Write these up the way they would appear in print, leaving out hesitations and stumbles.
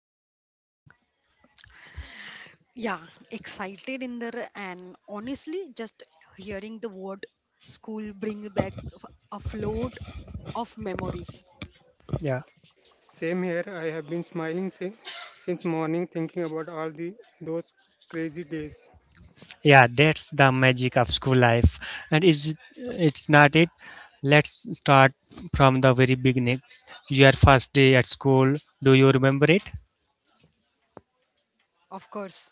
how you are feeling? Yeah, excited in there, and honestly, just hearing the word school bring back a float of memories. Yeah. Same here. I have been smiling since morning, thinking about all the those crazy days. Yeah, that's the magic of school life. And is it's not it, let's start from the very beginnings, your first day at school. Do you remember it? Of course,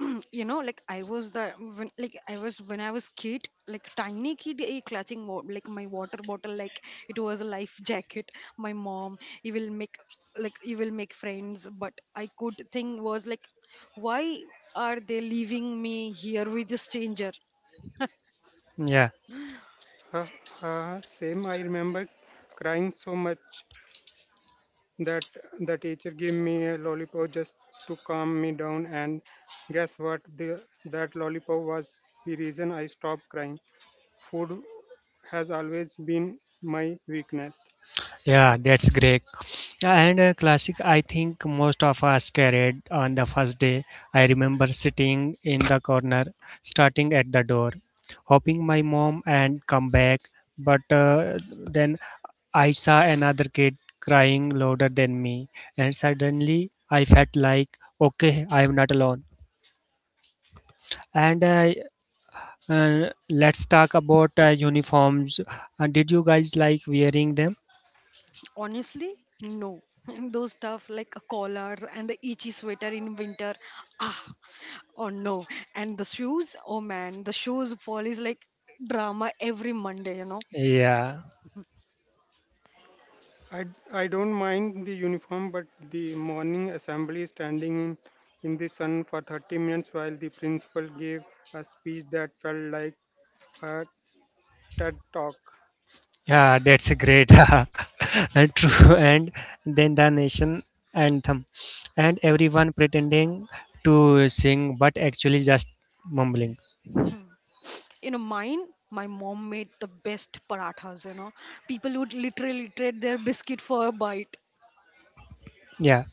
like I was when I was kid, like tiny kid, clutching like my water bottle, like it was a life jacket. My mom, you will make friends, but I could think was like, why are they leaving me here with a stranger? Yeah. Ha ha. Same. I remember crying so much that the teacher gave me a lollipop just to calm me down. And guess what? The that lollipop was the reason I stopped crying. Food has always been my weakness. Yeah, that's great. And a classic, I think most of us carried on the first day. I remember sitting in the corner, starting at the door, hoping my mom and come back. But then I saw another kid crying louder than me, and suddenly I felt like, okay, I am not alone. And let's talk about uniforms. Did you guys like wearing them? Honestly, no. Those stuff like a collar and the itchy sweater in winter, ah, oh no. And the shoes, oh man, the shoes fall is like drama every Monday, you know. Yeah. I, I don't mind the uniform, but the morning assembly standing in the sun for 30 minutes while the principal gave a speech that felt like a TED talk. Yeah, that's a great, and true. And then the nation anthem, and everyone pretending to sing but actually just mumbling. You know, mine, my mom made the best parathas, People would literally trade their biscuit for a bite. Yeah.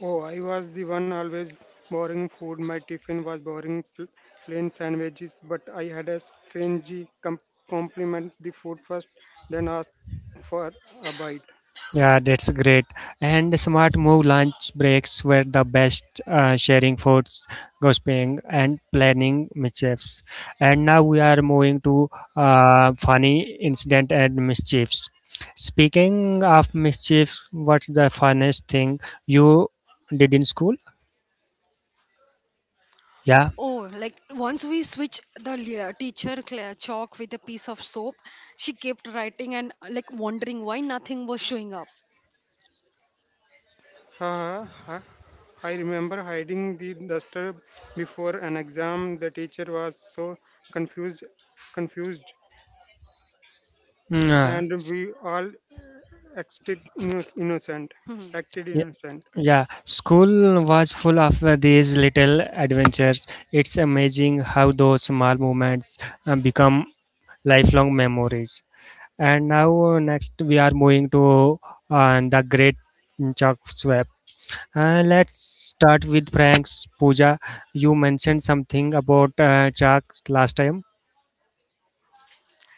Oh, I was the one always boring food. My tiffin was boring plain sandwiches, but I had a strange com- compliment the food first, then asked for a bite. Yeah, that's great. And smart move, lunch breaks were the best, sharing foods, gossiping, and planning mischiefs. And now we are moving to funny incident and mischiefs. Speaking of mischiefs, what's the funniest thing you did in school? Yeah. Oh, like once we switched the teacher chalk with a piece of soap, she kept writing and like wondering why nothing was showing up. Uh, I I remember hiding the duster before an exam. The teacher was so confused, confused, Mm, uh, and we all acted innocent. Acted yeah. innocent. Yeah, school was full of these little adventures. It's amazing how those small moments become lifelong memories. And next, we are moving to the great Chuck Swab. Let's start with Frank's Pooja. You mentioned something about Chuck last time.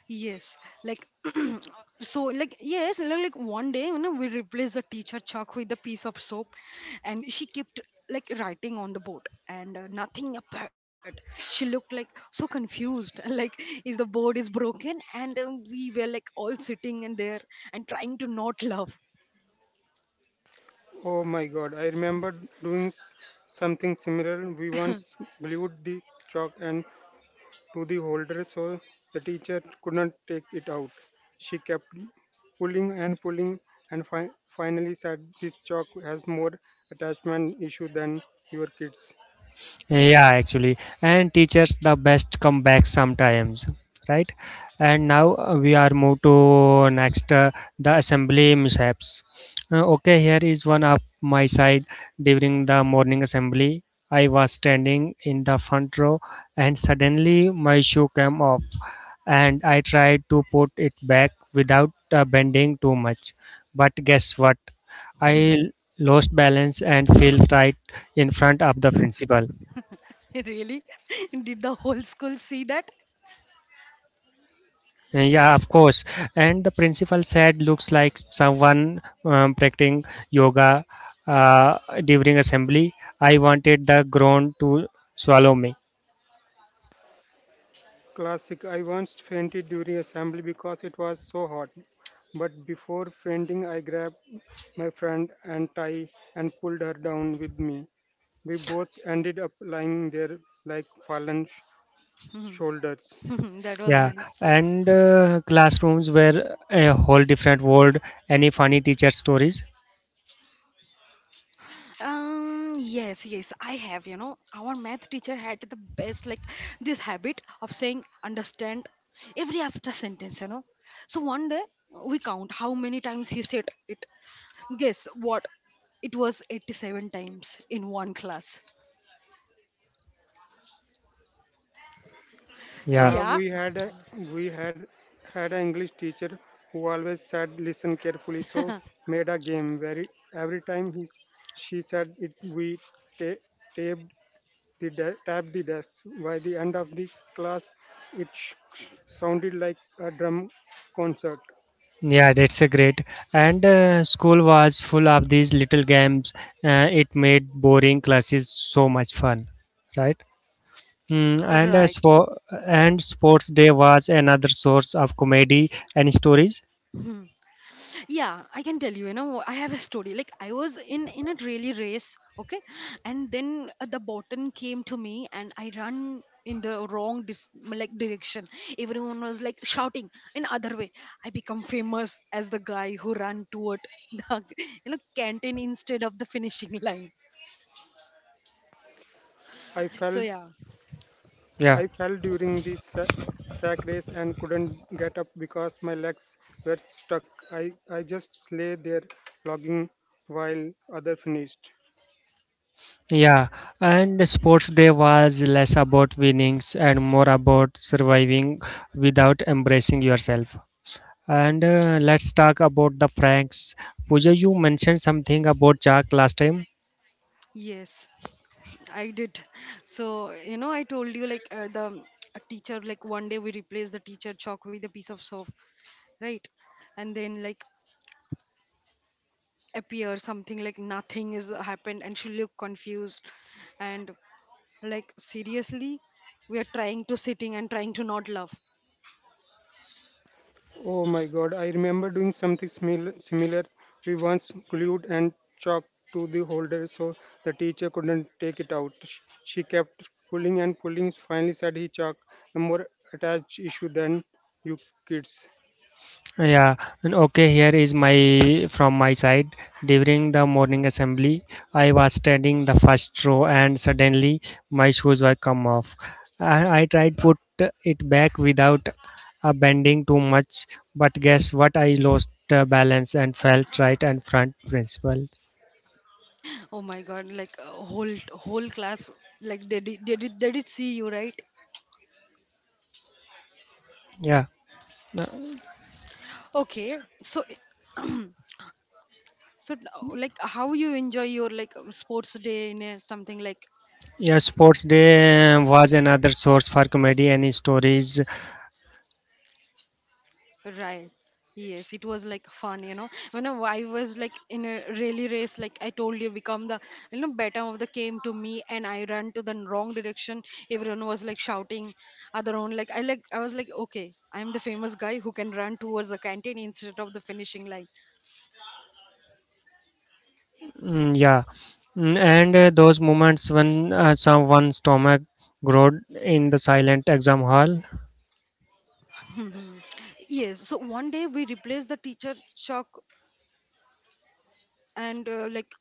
Yes, like one day, you know, we replaced the teacher chalk with a piece of soap, and she kept like writing on the board, and nothing appeared. She looked like so confused, like is the board is broken, and we were like all sitting in there and trying to not laugh. Oh my God! I remember doing something similar. We once glued the chalk and to the holder so the teacher could not take it out. She kept pulling and pulling and finally said, This chalk has more attachment issue than your kids. Yeah, actually, and teachers the best come back sometimes, right? And now we are moved to next, the assembly mishaps. Okay, here is one of my side during the morning assembly. I was standing in the front row, and suddenly my shoe came off, and I tried to put it back without bending too much. But guess what? I lost balance and fell right in front of the principal. Really, did the whole school see that? Yeah, of course. And the principal said, looks like someone practicing yoga uh, during assembly. I wanted the ground to swallow me. Classic I once fainted during assembly because it was so hot. But before fainting, I grabbed my friend and tie and pulled her down with me. We both ended up lying there like fallen shoulders. That was Yeah, nice. and classrooms were a whole different world. Any funny teacher stories? Yes, I have. You know, our math teacher had this habit of saying understand every after sentence, you know. So one day we count how many times he said it. Guess what? It was 87 times in one class. So, Yeah, Uh, yeah, we had a, we had an English teacher who always said listen carefully. So made a game where every time she said it, we ta- taped tapped the desks. By the end of the class, it sounded like a drum concert. yeah, that's a great. And school was full of these little games. It made boring classes so much fun, right? Mm, and a right. spo- and sports day was another source of comedy and stories. Hmm. Yeah, I can tell you, you know, I have a story like I was in a really race, okay, and then the bottom came to me and I run in the wrong direction. Everyone was like shouting in other way. I become famous as the guy who ran toward the you know canteen instead of the finishing line, I so fell yeah. Yeah. I fell during the sack race and couldn't get up because my legs were stuck. I I just lay there logging while other finished. Yeah, and sports day was less about winnings and more about surviving without embracing yourself. And let's talk about the Franks. Pooja, you mentioned something about Jack last time. Yes, I did. So you know I told you like, the a teacher, like one day we replaced the teacher chalk with a piece of soap, right? And then like appear something like nothing is happened and she looked confused. And like seriously, we are trying to sitting and trying to not laugh. Oh my god, I remember doing something similar. We once glued and chalk to the holder so the teacher couldn't take it out. She kept pulling and pulling, finally said he chalk, a more attached issue than you kids. Yeah, and okay, here is my from my side. During the morning assembly, I was standing the first row and suddenly my shoes were come off. And I tried put it back without bending too much, but guess what? I lost balance and felt right and front principal. Oh my god, like whole class, like they did see you, right? Yeah. Uh, Okay, so so now, like how you enjoy your like sports day in a, something like. yeah, sports day was another source for comedy and stories. Right. Yes, it was like fun, you know. When I was like in a rally race, like I told you, become the you know better of the came to me, and I ran to the wrong direction. Everyone was like shouting, other one, like I was like okay, I'm the famous guy who can run towards the canteen instead of the finishing line. Mm, yeah. Mm, and those moments when someone's stomach growled in the silent exam hall. Mhm. Yes. So one day we replaced the teacher chalk and uh, like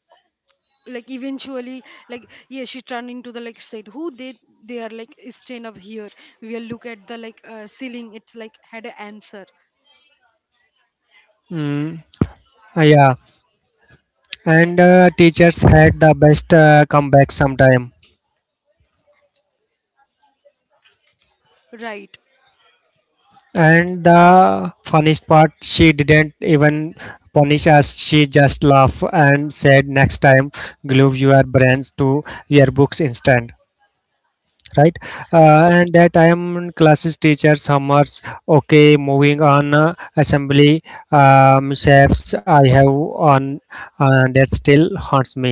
like eventually like yeah she turned into the like said who they are like staying up here we'll look at the like ceiling it's like had an answer. Mm, yeah, and teachers had the best comeback sometime. Right. And the funniest part, she didn't even punish us. She just laughed and said, "Next time, glue your brains to your books instead." Right, Right. and that I am classes teacher summers. Okay, moving on, assembly chefs I have on that still haunts me.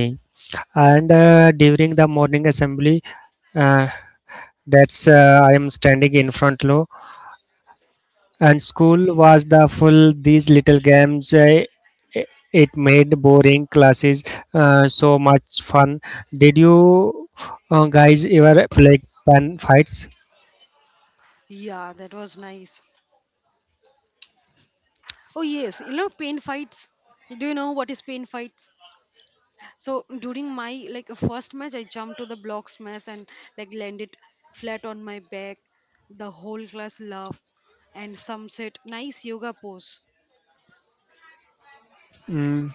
And during the morning assembly, uh, that's I am standing in front row. Hmm. And school was the full these little games, i- it made boring classes so much fun. Did you guys ever play pen fights? Yeah, that was nice. Oh yes, you know, pain fights. Do you know what is pain fights? So during my like first match I jumped to the block smash and like landed flat on my back. The whole class laughed and some said nice yoga pose. Mm.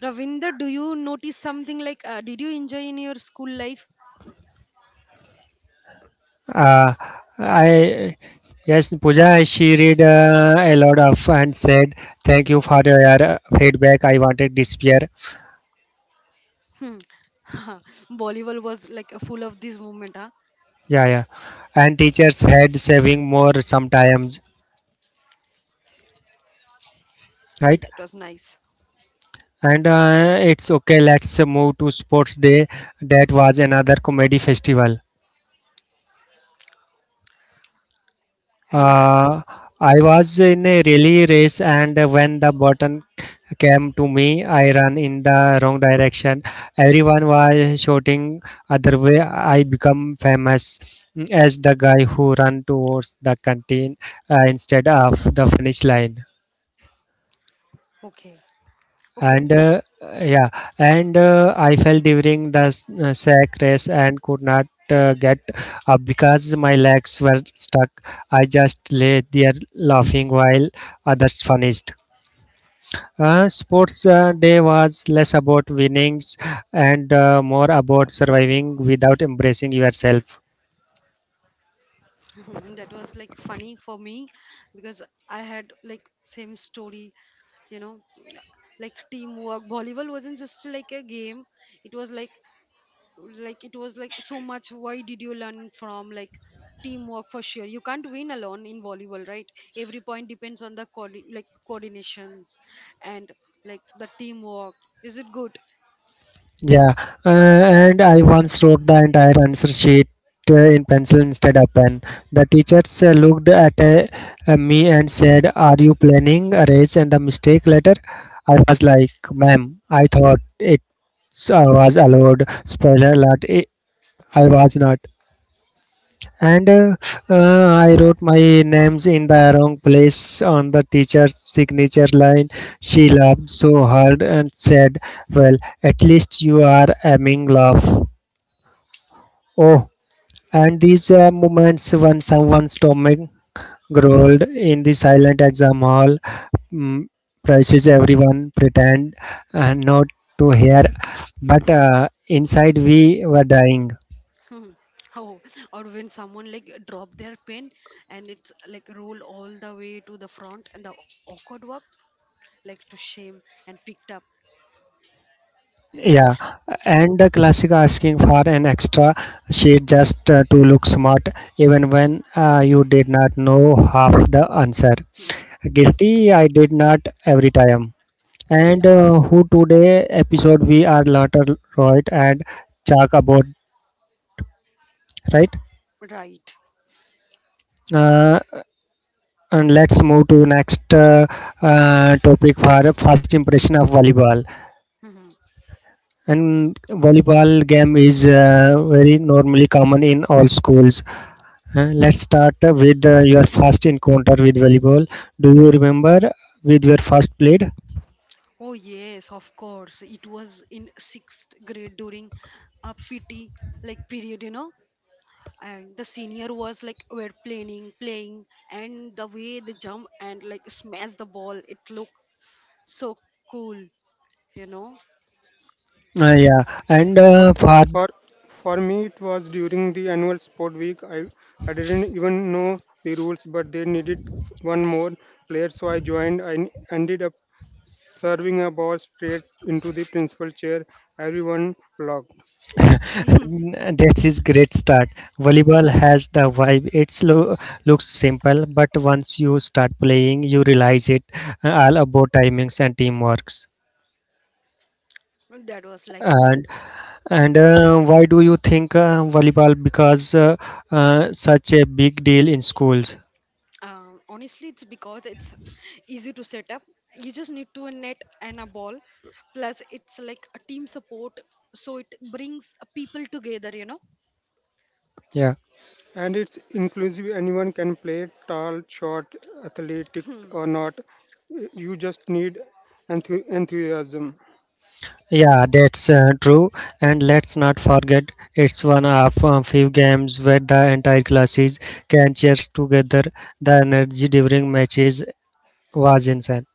Ravinder, do you notice something like did you enjoy in your school life? Uh, I yes, Pooja, she read a lot of and said, "Thank you for your feedback. I wanted this year." Hmm. Volleyball was like full of this moment, huh? Yeah, yeah. And teachers had saving more sometimes, But right? that was nice. And it's okay. Let's move to sports day. That was another comedy festival. And Uh, I was in a relay race, and when the button came to me, I ran in the wrong direction. Everyone was shouting other way. I become famous as the guy who ran towards the canteen instead of the finish line. okay, okay, And yeah, and I fell during the sack race and could not get up because my legs were stuck. I just lay there laughing while others finished. Uh, sports day was less about winnings and more about surviving without embracing yourself. that was like funny for me because I had like same story, you know, like teamwork. Volleyball wasn't just like a game; it was like so much why did you learn from like teamwork for sure you can't win alone in volleyball, right? Every point depends on the coordinations and like the teamwork, is it good? Yeah, and I once wrote the entire answer sheet in pencil instead of pen. The teachers looked at me and said, "Are you planning a race and a mistake letter?" I was like, "Ma'am, I thought it was allowed." Spoiler alert: I was not. And I wrote my names in the wrong place on the teacher's signature line. She laughed so hard and said, well, at least you are aiming laugh. Oh, and these moments when someone's stomach growled in the silent exam hall. Mm, prices everyone pretend not to hear, but inside we were dying. Hmm. Oh, or when someone like drop their pen and it's like roll all the way to the front and the awkward work like to shame and picked up. Yeah, and the classic asking for an extra sheet just to look smart, even when you did not know half the answer. Hmm. Guilty, I did not every time. Yeah, And who today episode we are later right and talk about right. right. Uh, and let's move to next topic for first impression of volleyball. And volleyball game is very normally common in all schools. Let's start with your first encounter with volleyball. Do you remember with your first played? Oh, yes, of course. It was in sixth grade during a PT like period, you know. And the senior was like were playing, and the way they jump and like smash the ball, it looked so cool, you know. Yeah, and For for for for me, it was during the annual sport week. I didn't even know the rules, but they needed one more player, so I joined. I ended up serving a ball straight into the principal chair. Everyone blocked, that's his great start. Volleyball has the vibe. It's lo- looks simple, but once you start playing, you realize it all about timings and teamwork. That was like And nice. and why do you think volleyball because such a big deal in schools? Honestly, it's because it's easy to set up. You just need to a net and a ball. Plus, it's like a team support, so it brings people together, you know. Yeah. and it's inclusive. Anyone can play, tall, short, athletic Hmm. or not. You just need enthusiasm. Yeah, Right, that's true. And let's not forget, it's one of few games where the entire classes can cheer together. The energy during matches was insane.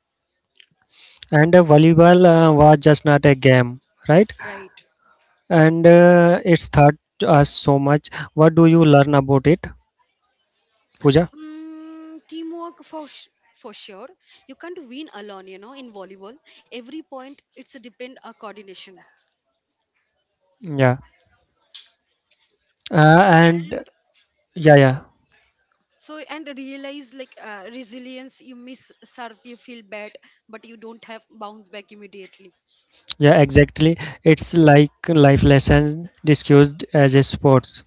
And volleyball was just not a game, right? right. And it's taught us so much. What do you learn about it, Pooja? Mm, teamwork for sure. You can't win alone. You know, in volleyball, every point it's a depend on coordination Yeah. And and yeah, yeah, so and realize like resilience. You miss serve, you feel bad, but you don't have bounce back immediately. yeah, exactly. It's like life lessons discussed as a sports.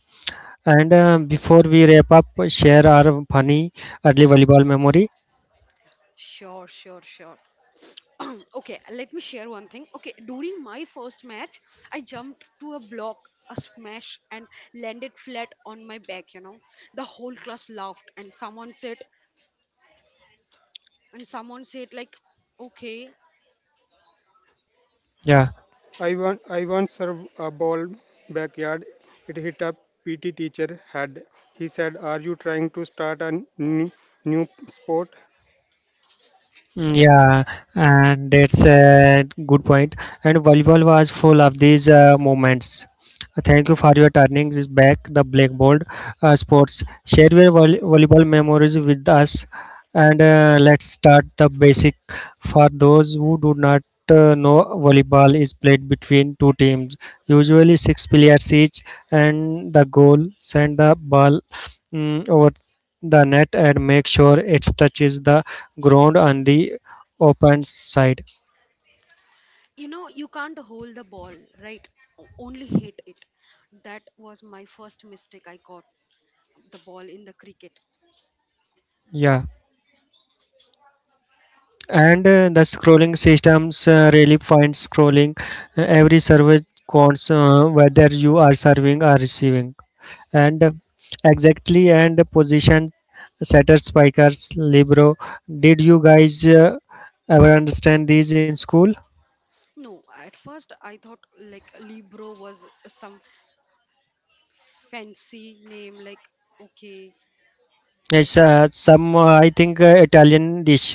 And before we wrap up, share our funny early volleyball memory. Sure, sure, sure. Okay, let me share one thing. Okay, during my first match, I jumped to a block, a smash, and landed flat on my back. You know, the whole class laughed, and someone said like okay. Yeah. I once served a ball backyard. It hit a PT teacher head. He said, "Are you trying to start a n- new sport?" Mm, yeah, and that's a good point. And volleyball was full of these moments. Thank you for your turning this back the blackboard sports. Share your volleyball memories with us, and let's start the basic. For those who do not know, volleyball is played between two teams, usually six players each, and the goal send the ball mm, over the net and make sure it touches the ground on the open side. You know, you can't hold the ball, right? Only hit it. That was my first mistake, I caught the ball in the cricket. Yeah, and the scrolling systems really find scrolling, every service counts, whether you are serving or receiving. And exactly, and position setter spikers libro, did you guys ever understand these in school? No, at first I thought like libro was some fancy name like, okay. It's some, I think, italian dish.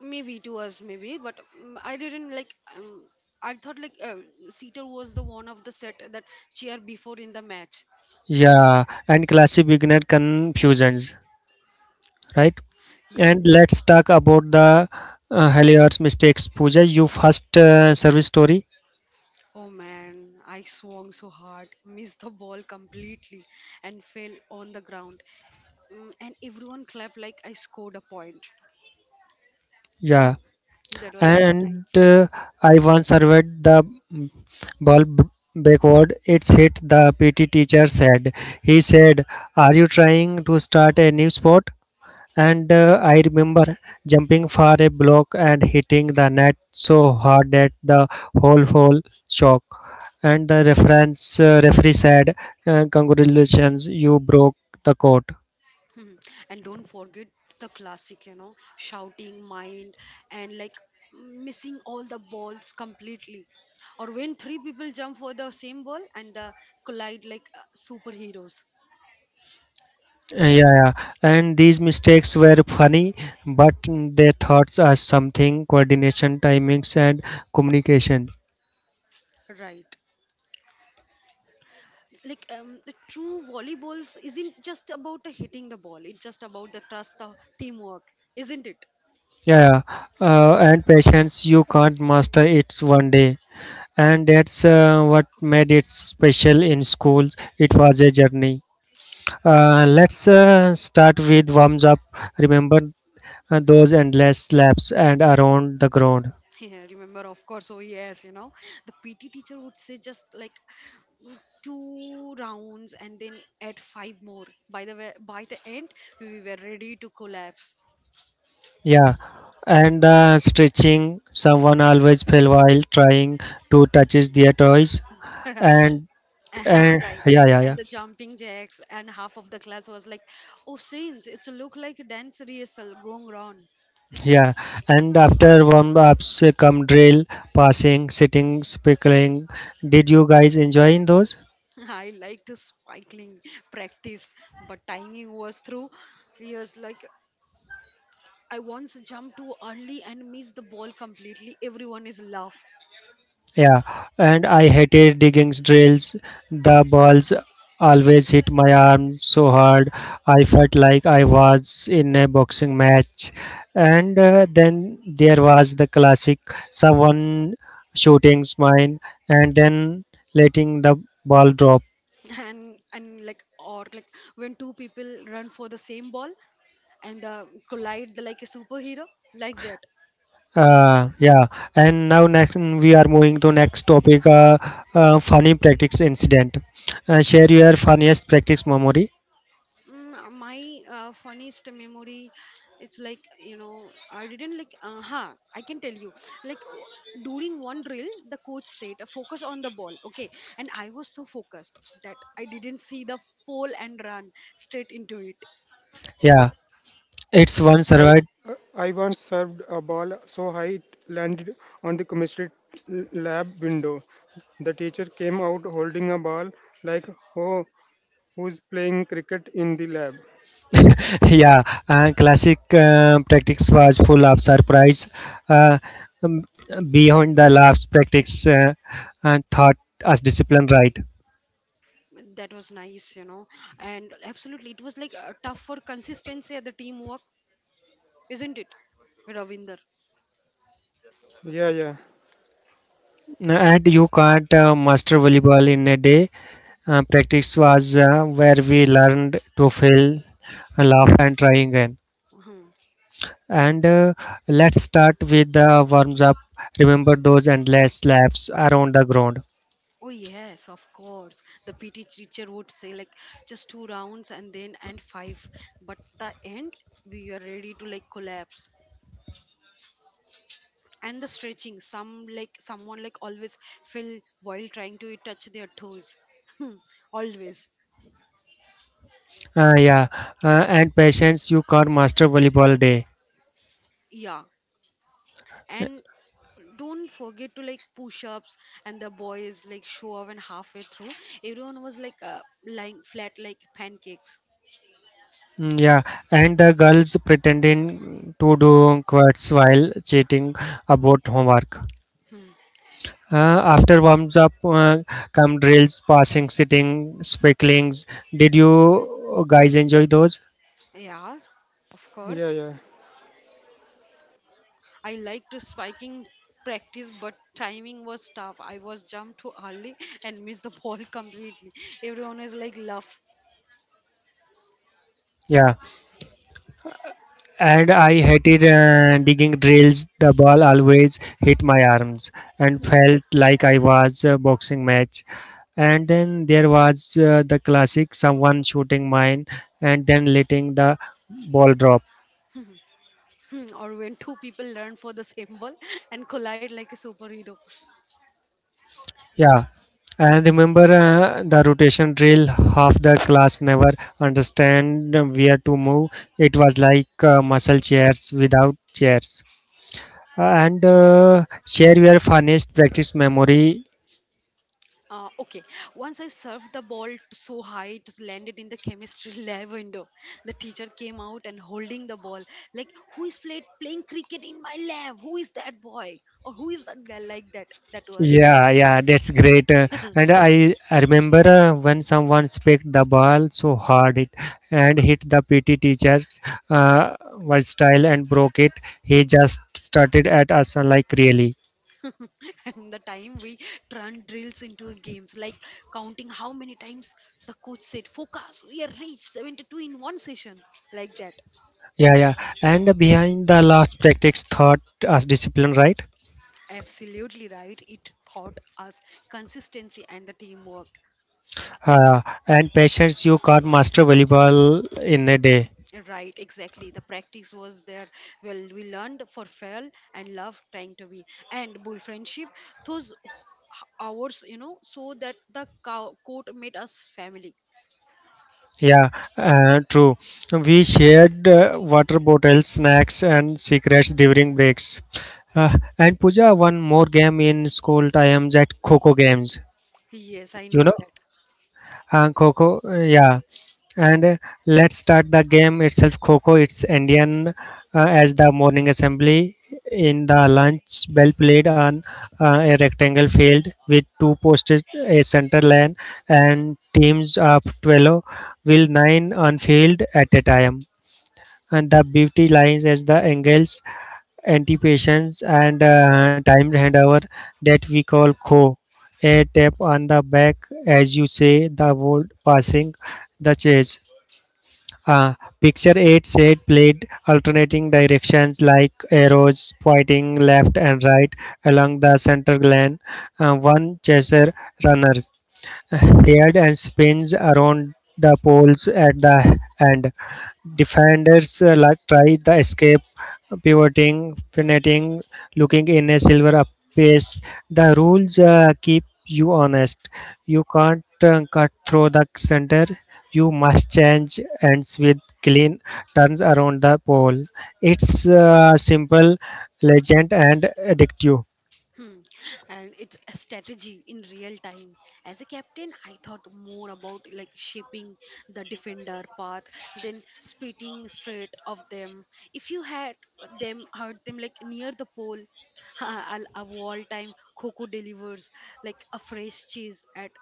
Maybe it was maybe but mm, I didn't like I thought like Seater was the one of the set that cheer before in the match. Yeah, and classic beginner confusions, right? And Yes. let's talk about the Helios mistakes. Pooja, you first service story. Oh man, I swung so hard, missed the ball completely, and fell on the ground. Mm, and everyone clapped like I scored a point. Yeah. That was so And nice. I once surveyed the mm, ball backward. It's hit the PT teacher's head. He said, are you trying to start a new sport? And I remember jumping for a block and hitting the net so hard that the whole hole shook. And the reference referee said, "Congratulations, you broke the court." Hmm. And don't forget the classic, you know, shouting, mind, and like missing all the balls completely. Or when three people jump for the same ball and collide like superheroes. Yeah, yeah, and these mistakes were funny, but their thoughts are something coordination, timings, and communication. Right. Like the true volleyballs isn't just about the hitting the ball, it's just about the trust the teamwork, isn't it? Yeah, yeah. And patience, you can't master it one day. And that's what made it special in schools, it was a journey. Uh, let's start with warms up. Remember those endless laps and around the ground. Yeah, remember of course. Oh yes, you know, the PT teacher would say just like "Mm, two rounds" and then add five more, by the way by the end we were ready to collapse. Yeah, and stretching someone always fell while trying to touches their toys. Uh and and right. yeah yeah And yeah the jumping jacks and half of the class was like, oh saints, it's a look like a dance rehearsal going on. yeah And after warm ups come drill, passing, sitting, pickling. Did you guys enjoy in those? I liked cycling practice, but timing was through years. Like I once jumped too early and missed the ball completely. Everyone is laugh. Yeah, and I hated digging drills. The balls always hit my arm so hard. I felt like I was in a boxing match. And then there was the classic someone shooting mine and then letting the ball drop. And like or like when two people run for the same ball and collide like a superhero like that. Yeah, and now next we are moving to next topic. Uh, funny practice incident. Share your funniest practice memory. My funniest memory it's like you know I didn't like uh huh I can tell you like during one drill the coach said focus on the ball, okay, and I was so focused that I didn't see the pole and run straight into it. Yeah. It's one I survived. I once served a ball so high it landed on the chemistry lab window. The teacher came out holding a ball like, "Oh, who's playing cricket in the lab?" Yeah, classic practice was full of surprise. Uh, um, beyond the laughs, practice and thought as discipline, right. That was nice, you know, and absolutely it was like tough for consistency at the teamwork, isn't it Ravinder? Yeah, yeah, And you can't master volleyball in a day. Practice was where we learned to fail, laugh, and try again. Uh-huh. And let's start with the warms up. Remember those endless laps around the ground. Oh yes, of course. The PT teacher would say like just two rounds and then and five. But the end we are ready to like collapse. And the stretching, someone like always fell while trying to touch their toes. Always. Uh, yeah, and patience, you can't master volleyball day. Yeah. And don't forget to like push ups and the boys like show up and halfway through. Everyone was like lying flat like pancakes. Mm, yeah, and the girls pretending to do quotes while cheating about homework. After warms up, come drills, passing, sitting, specklings. Did you guys enjoy those? Yeah, of yeah, course. yeah. I liked spiking practice, but timing was tough. I was jumped too early and missed the ball completely. Everyone is like laugh. Yeah, and I hated digging drills. The ball always hit my arms and felt like I was a boxing match. And then there was the classic someone shooting mine and then letting the ball drop. Hmm, or when two people learn for the same ball and collide like a superhero. Yeah, and remember the rotation drill. Half the class never understand where to move. It was like muscle chairs without chairs. And Share your funniest practice memory. Okay, once I served the ball so high it landed in the chemistry lab window. The teacher came out and holding the ball like, "Who is played playing cricket in my lab? Who is that boy? Or who is that girl?" Like that. That was. Yeah, yeah, that's great. And I remember when someone spiked the ball so hard it and hit the PT teacher's uh, style and broke it. He just started at us like really. And the time we turn drills into games like counting how many times the coach said focus, we have reached 72 in one session, like that. Yeah, yeah. And behind the last practice thought as discipline, right? Absolutely right, it taught us consistency and the teamwork. Uh, and patience, you can't master volleyball in a day. Right, exactly, the practice was there, well we learned for fail and love trying to be and bull friendship. Those hours, you know, so that the court made us family. Yeah, true. We shared water bottles, snacks, and secrets during breaks. And Puja won more game in school time at Coco games. Yes, I You know know? that. Coco, yeah. And Let's start the game itself. Coco, it's Indian as the morning assembly in the lunch bell played on a rectangle field with two posts, a center line, and teams of 12 will nine on field at a time and the beauty lines as the angles, anticipations, and timed handover that we call kho. A tap on the back, as you say, the word passing the chase. Uh, Picture 8 said played alternating directions like arrows pointing left and right along the center glen. One chaser runners head and spins around the poles at the end. Defenders like try the escape, pivoting, finetting, looking in a silver up pace. The rules keep you honest. You can't cut through the center. You must change ends with clean turns around the pole. It's simple, legend, and addictive. Hmm. And it's a strategy in real time. As a captain, I thought more about like shaping the defender path than splitting straight of them. If you had them hurt them like near the pole, I'll a all time Coco delivers like a fresh cheese at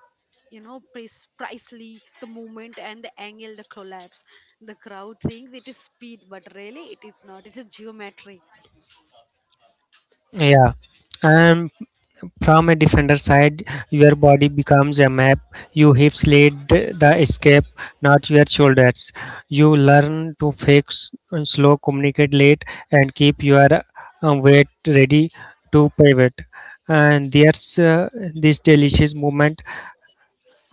you know pricely the movement and the angle the collapse, the crowd thinks it is speed but really it is not, it is geometry. Yeah, and from a defender side, your body becomes a map. You hips lead the escape, not your shoulders. You learn to fix and slow, communicate late, and keep your weight ready to pivot. And there's this delicious moment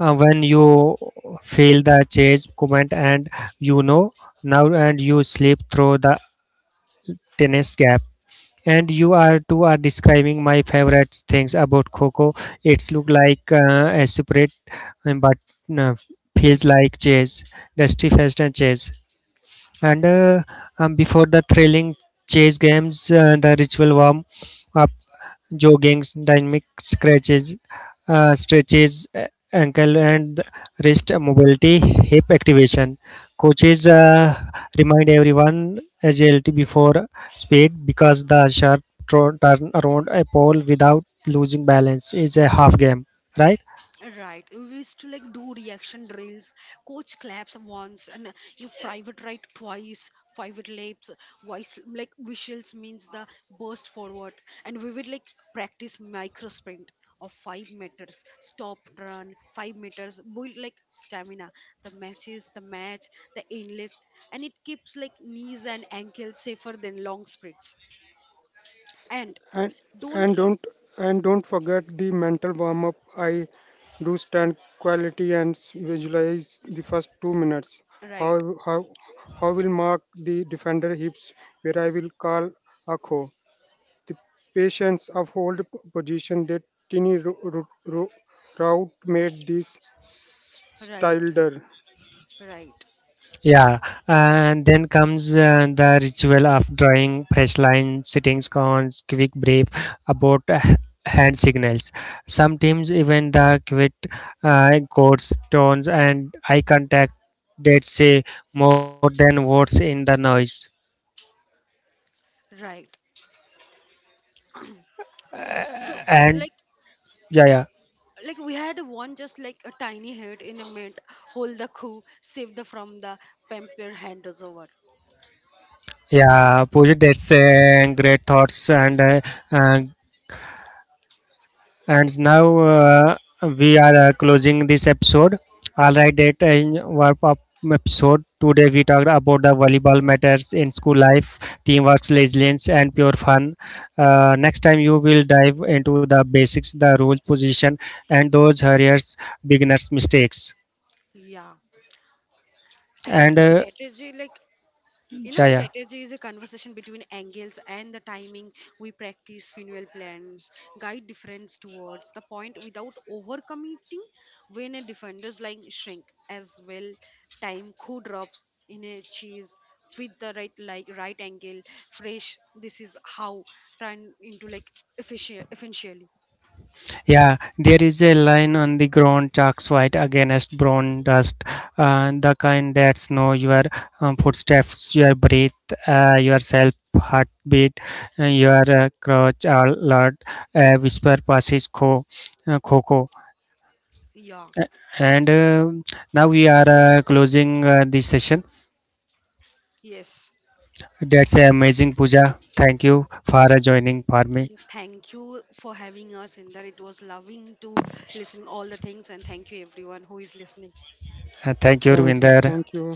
when you feel the chase comment, and you know now, and you slip through the tennis gap and you are two are describing my favorite things about coco. It's look like a separate but uh, feels like chess, dusty fest and chess. And Before the thrilling chase games, the ritual warm up, joggings, dynamic scratches, stretches, ankle and wrist mobility, hip activation. Coaches remind everyone agility before speed because the sharp turn around a pole without losing balance is a half game, right? Right. We used to like do reaction drills. Coach claps once and you private write twice. Private laps, voice like visuals means the burst forward. And we would like practice micro sprint of 5 meters, stop run, 5 meters, build like stamina. The match, the endless, and it keeps like knees and ankles safer than long sprints. And and and don't like don't and don't forget the mental warm up. I do stand quality and visualize the first 2 minutes. how right, how how will mark the defender hips, where I will call a co, the patience of hold position. That tiny route made this right, styleder. right, Yeah, and then comes the ritual of drawing fresh lines, sitting scones, quick brief about hand signals. Sometimes even the quick chords, tones, and eye contact that say more than words in the noise. right. So like And yeah, yeah, we had one just like a tiny head in a mint hold the coup save the from the pamper hand is over. yeah, Pooja, that's great thoughts uh, and now we are closing this episode. All right, that in wrap up episode. Today we talked about the volleyball matters in school life, teamwork, resilience, and pure fun. Next time you will dive into the basics, the rules, position, and those hurriers, beginners' mistakes. Yeah, and And strategy like. You know, Yeah, yeah. strategy is a conversation between angles and the timing. We practice funeral plans, guide defenders towards the point without overcommitting when a defender's line shrink as well. Time co drops in a cheese with the right angle fresh. This is how turn into like efficiently. Yeah, there is a line on the ground, chalks white against brown dust, the kind that know your footsteps, your breath, yourself, heartbeat, your crouch alert, whisper passes co, coco. Yeah. And Now we are closing this session. Yes. That's amazing, Puja. Thank you for joining for me. And thank you for having us in there. It was loving to listen all the things and thank you everyone who is listening. Thank you, Thank you, Ravinder. thank you.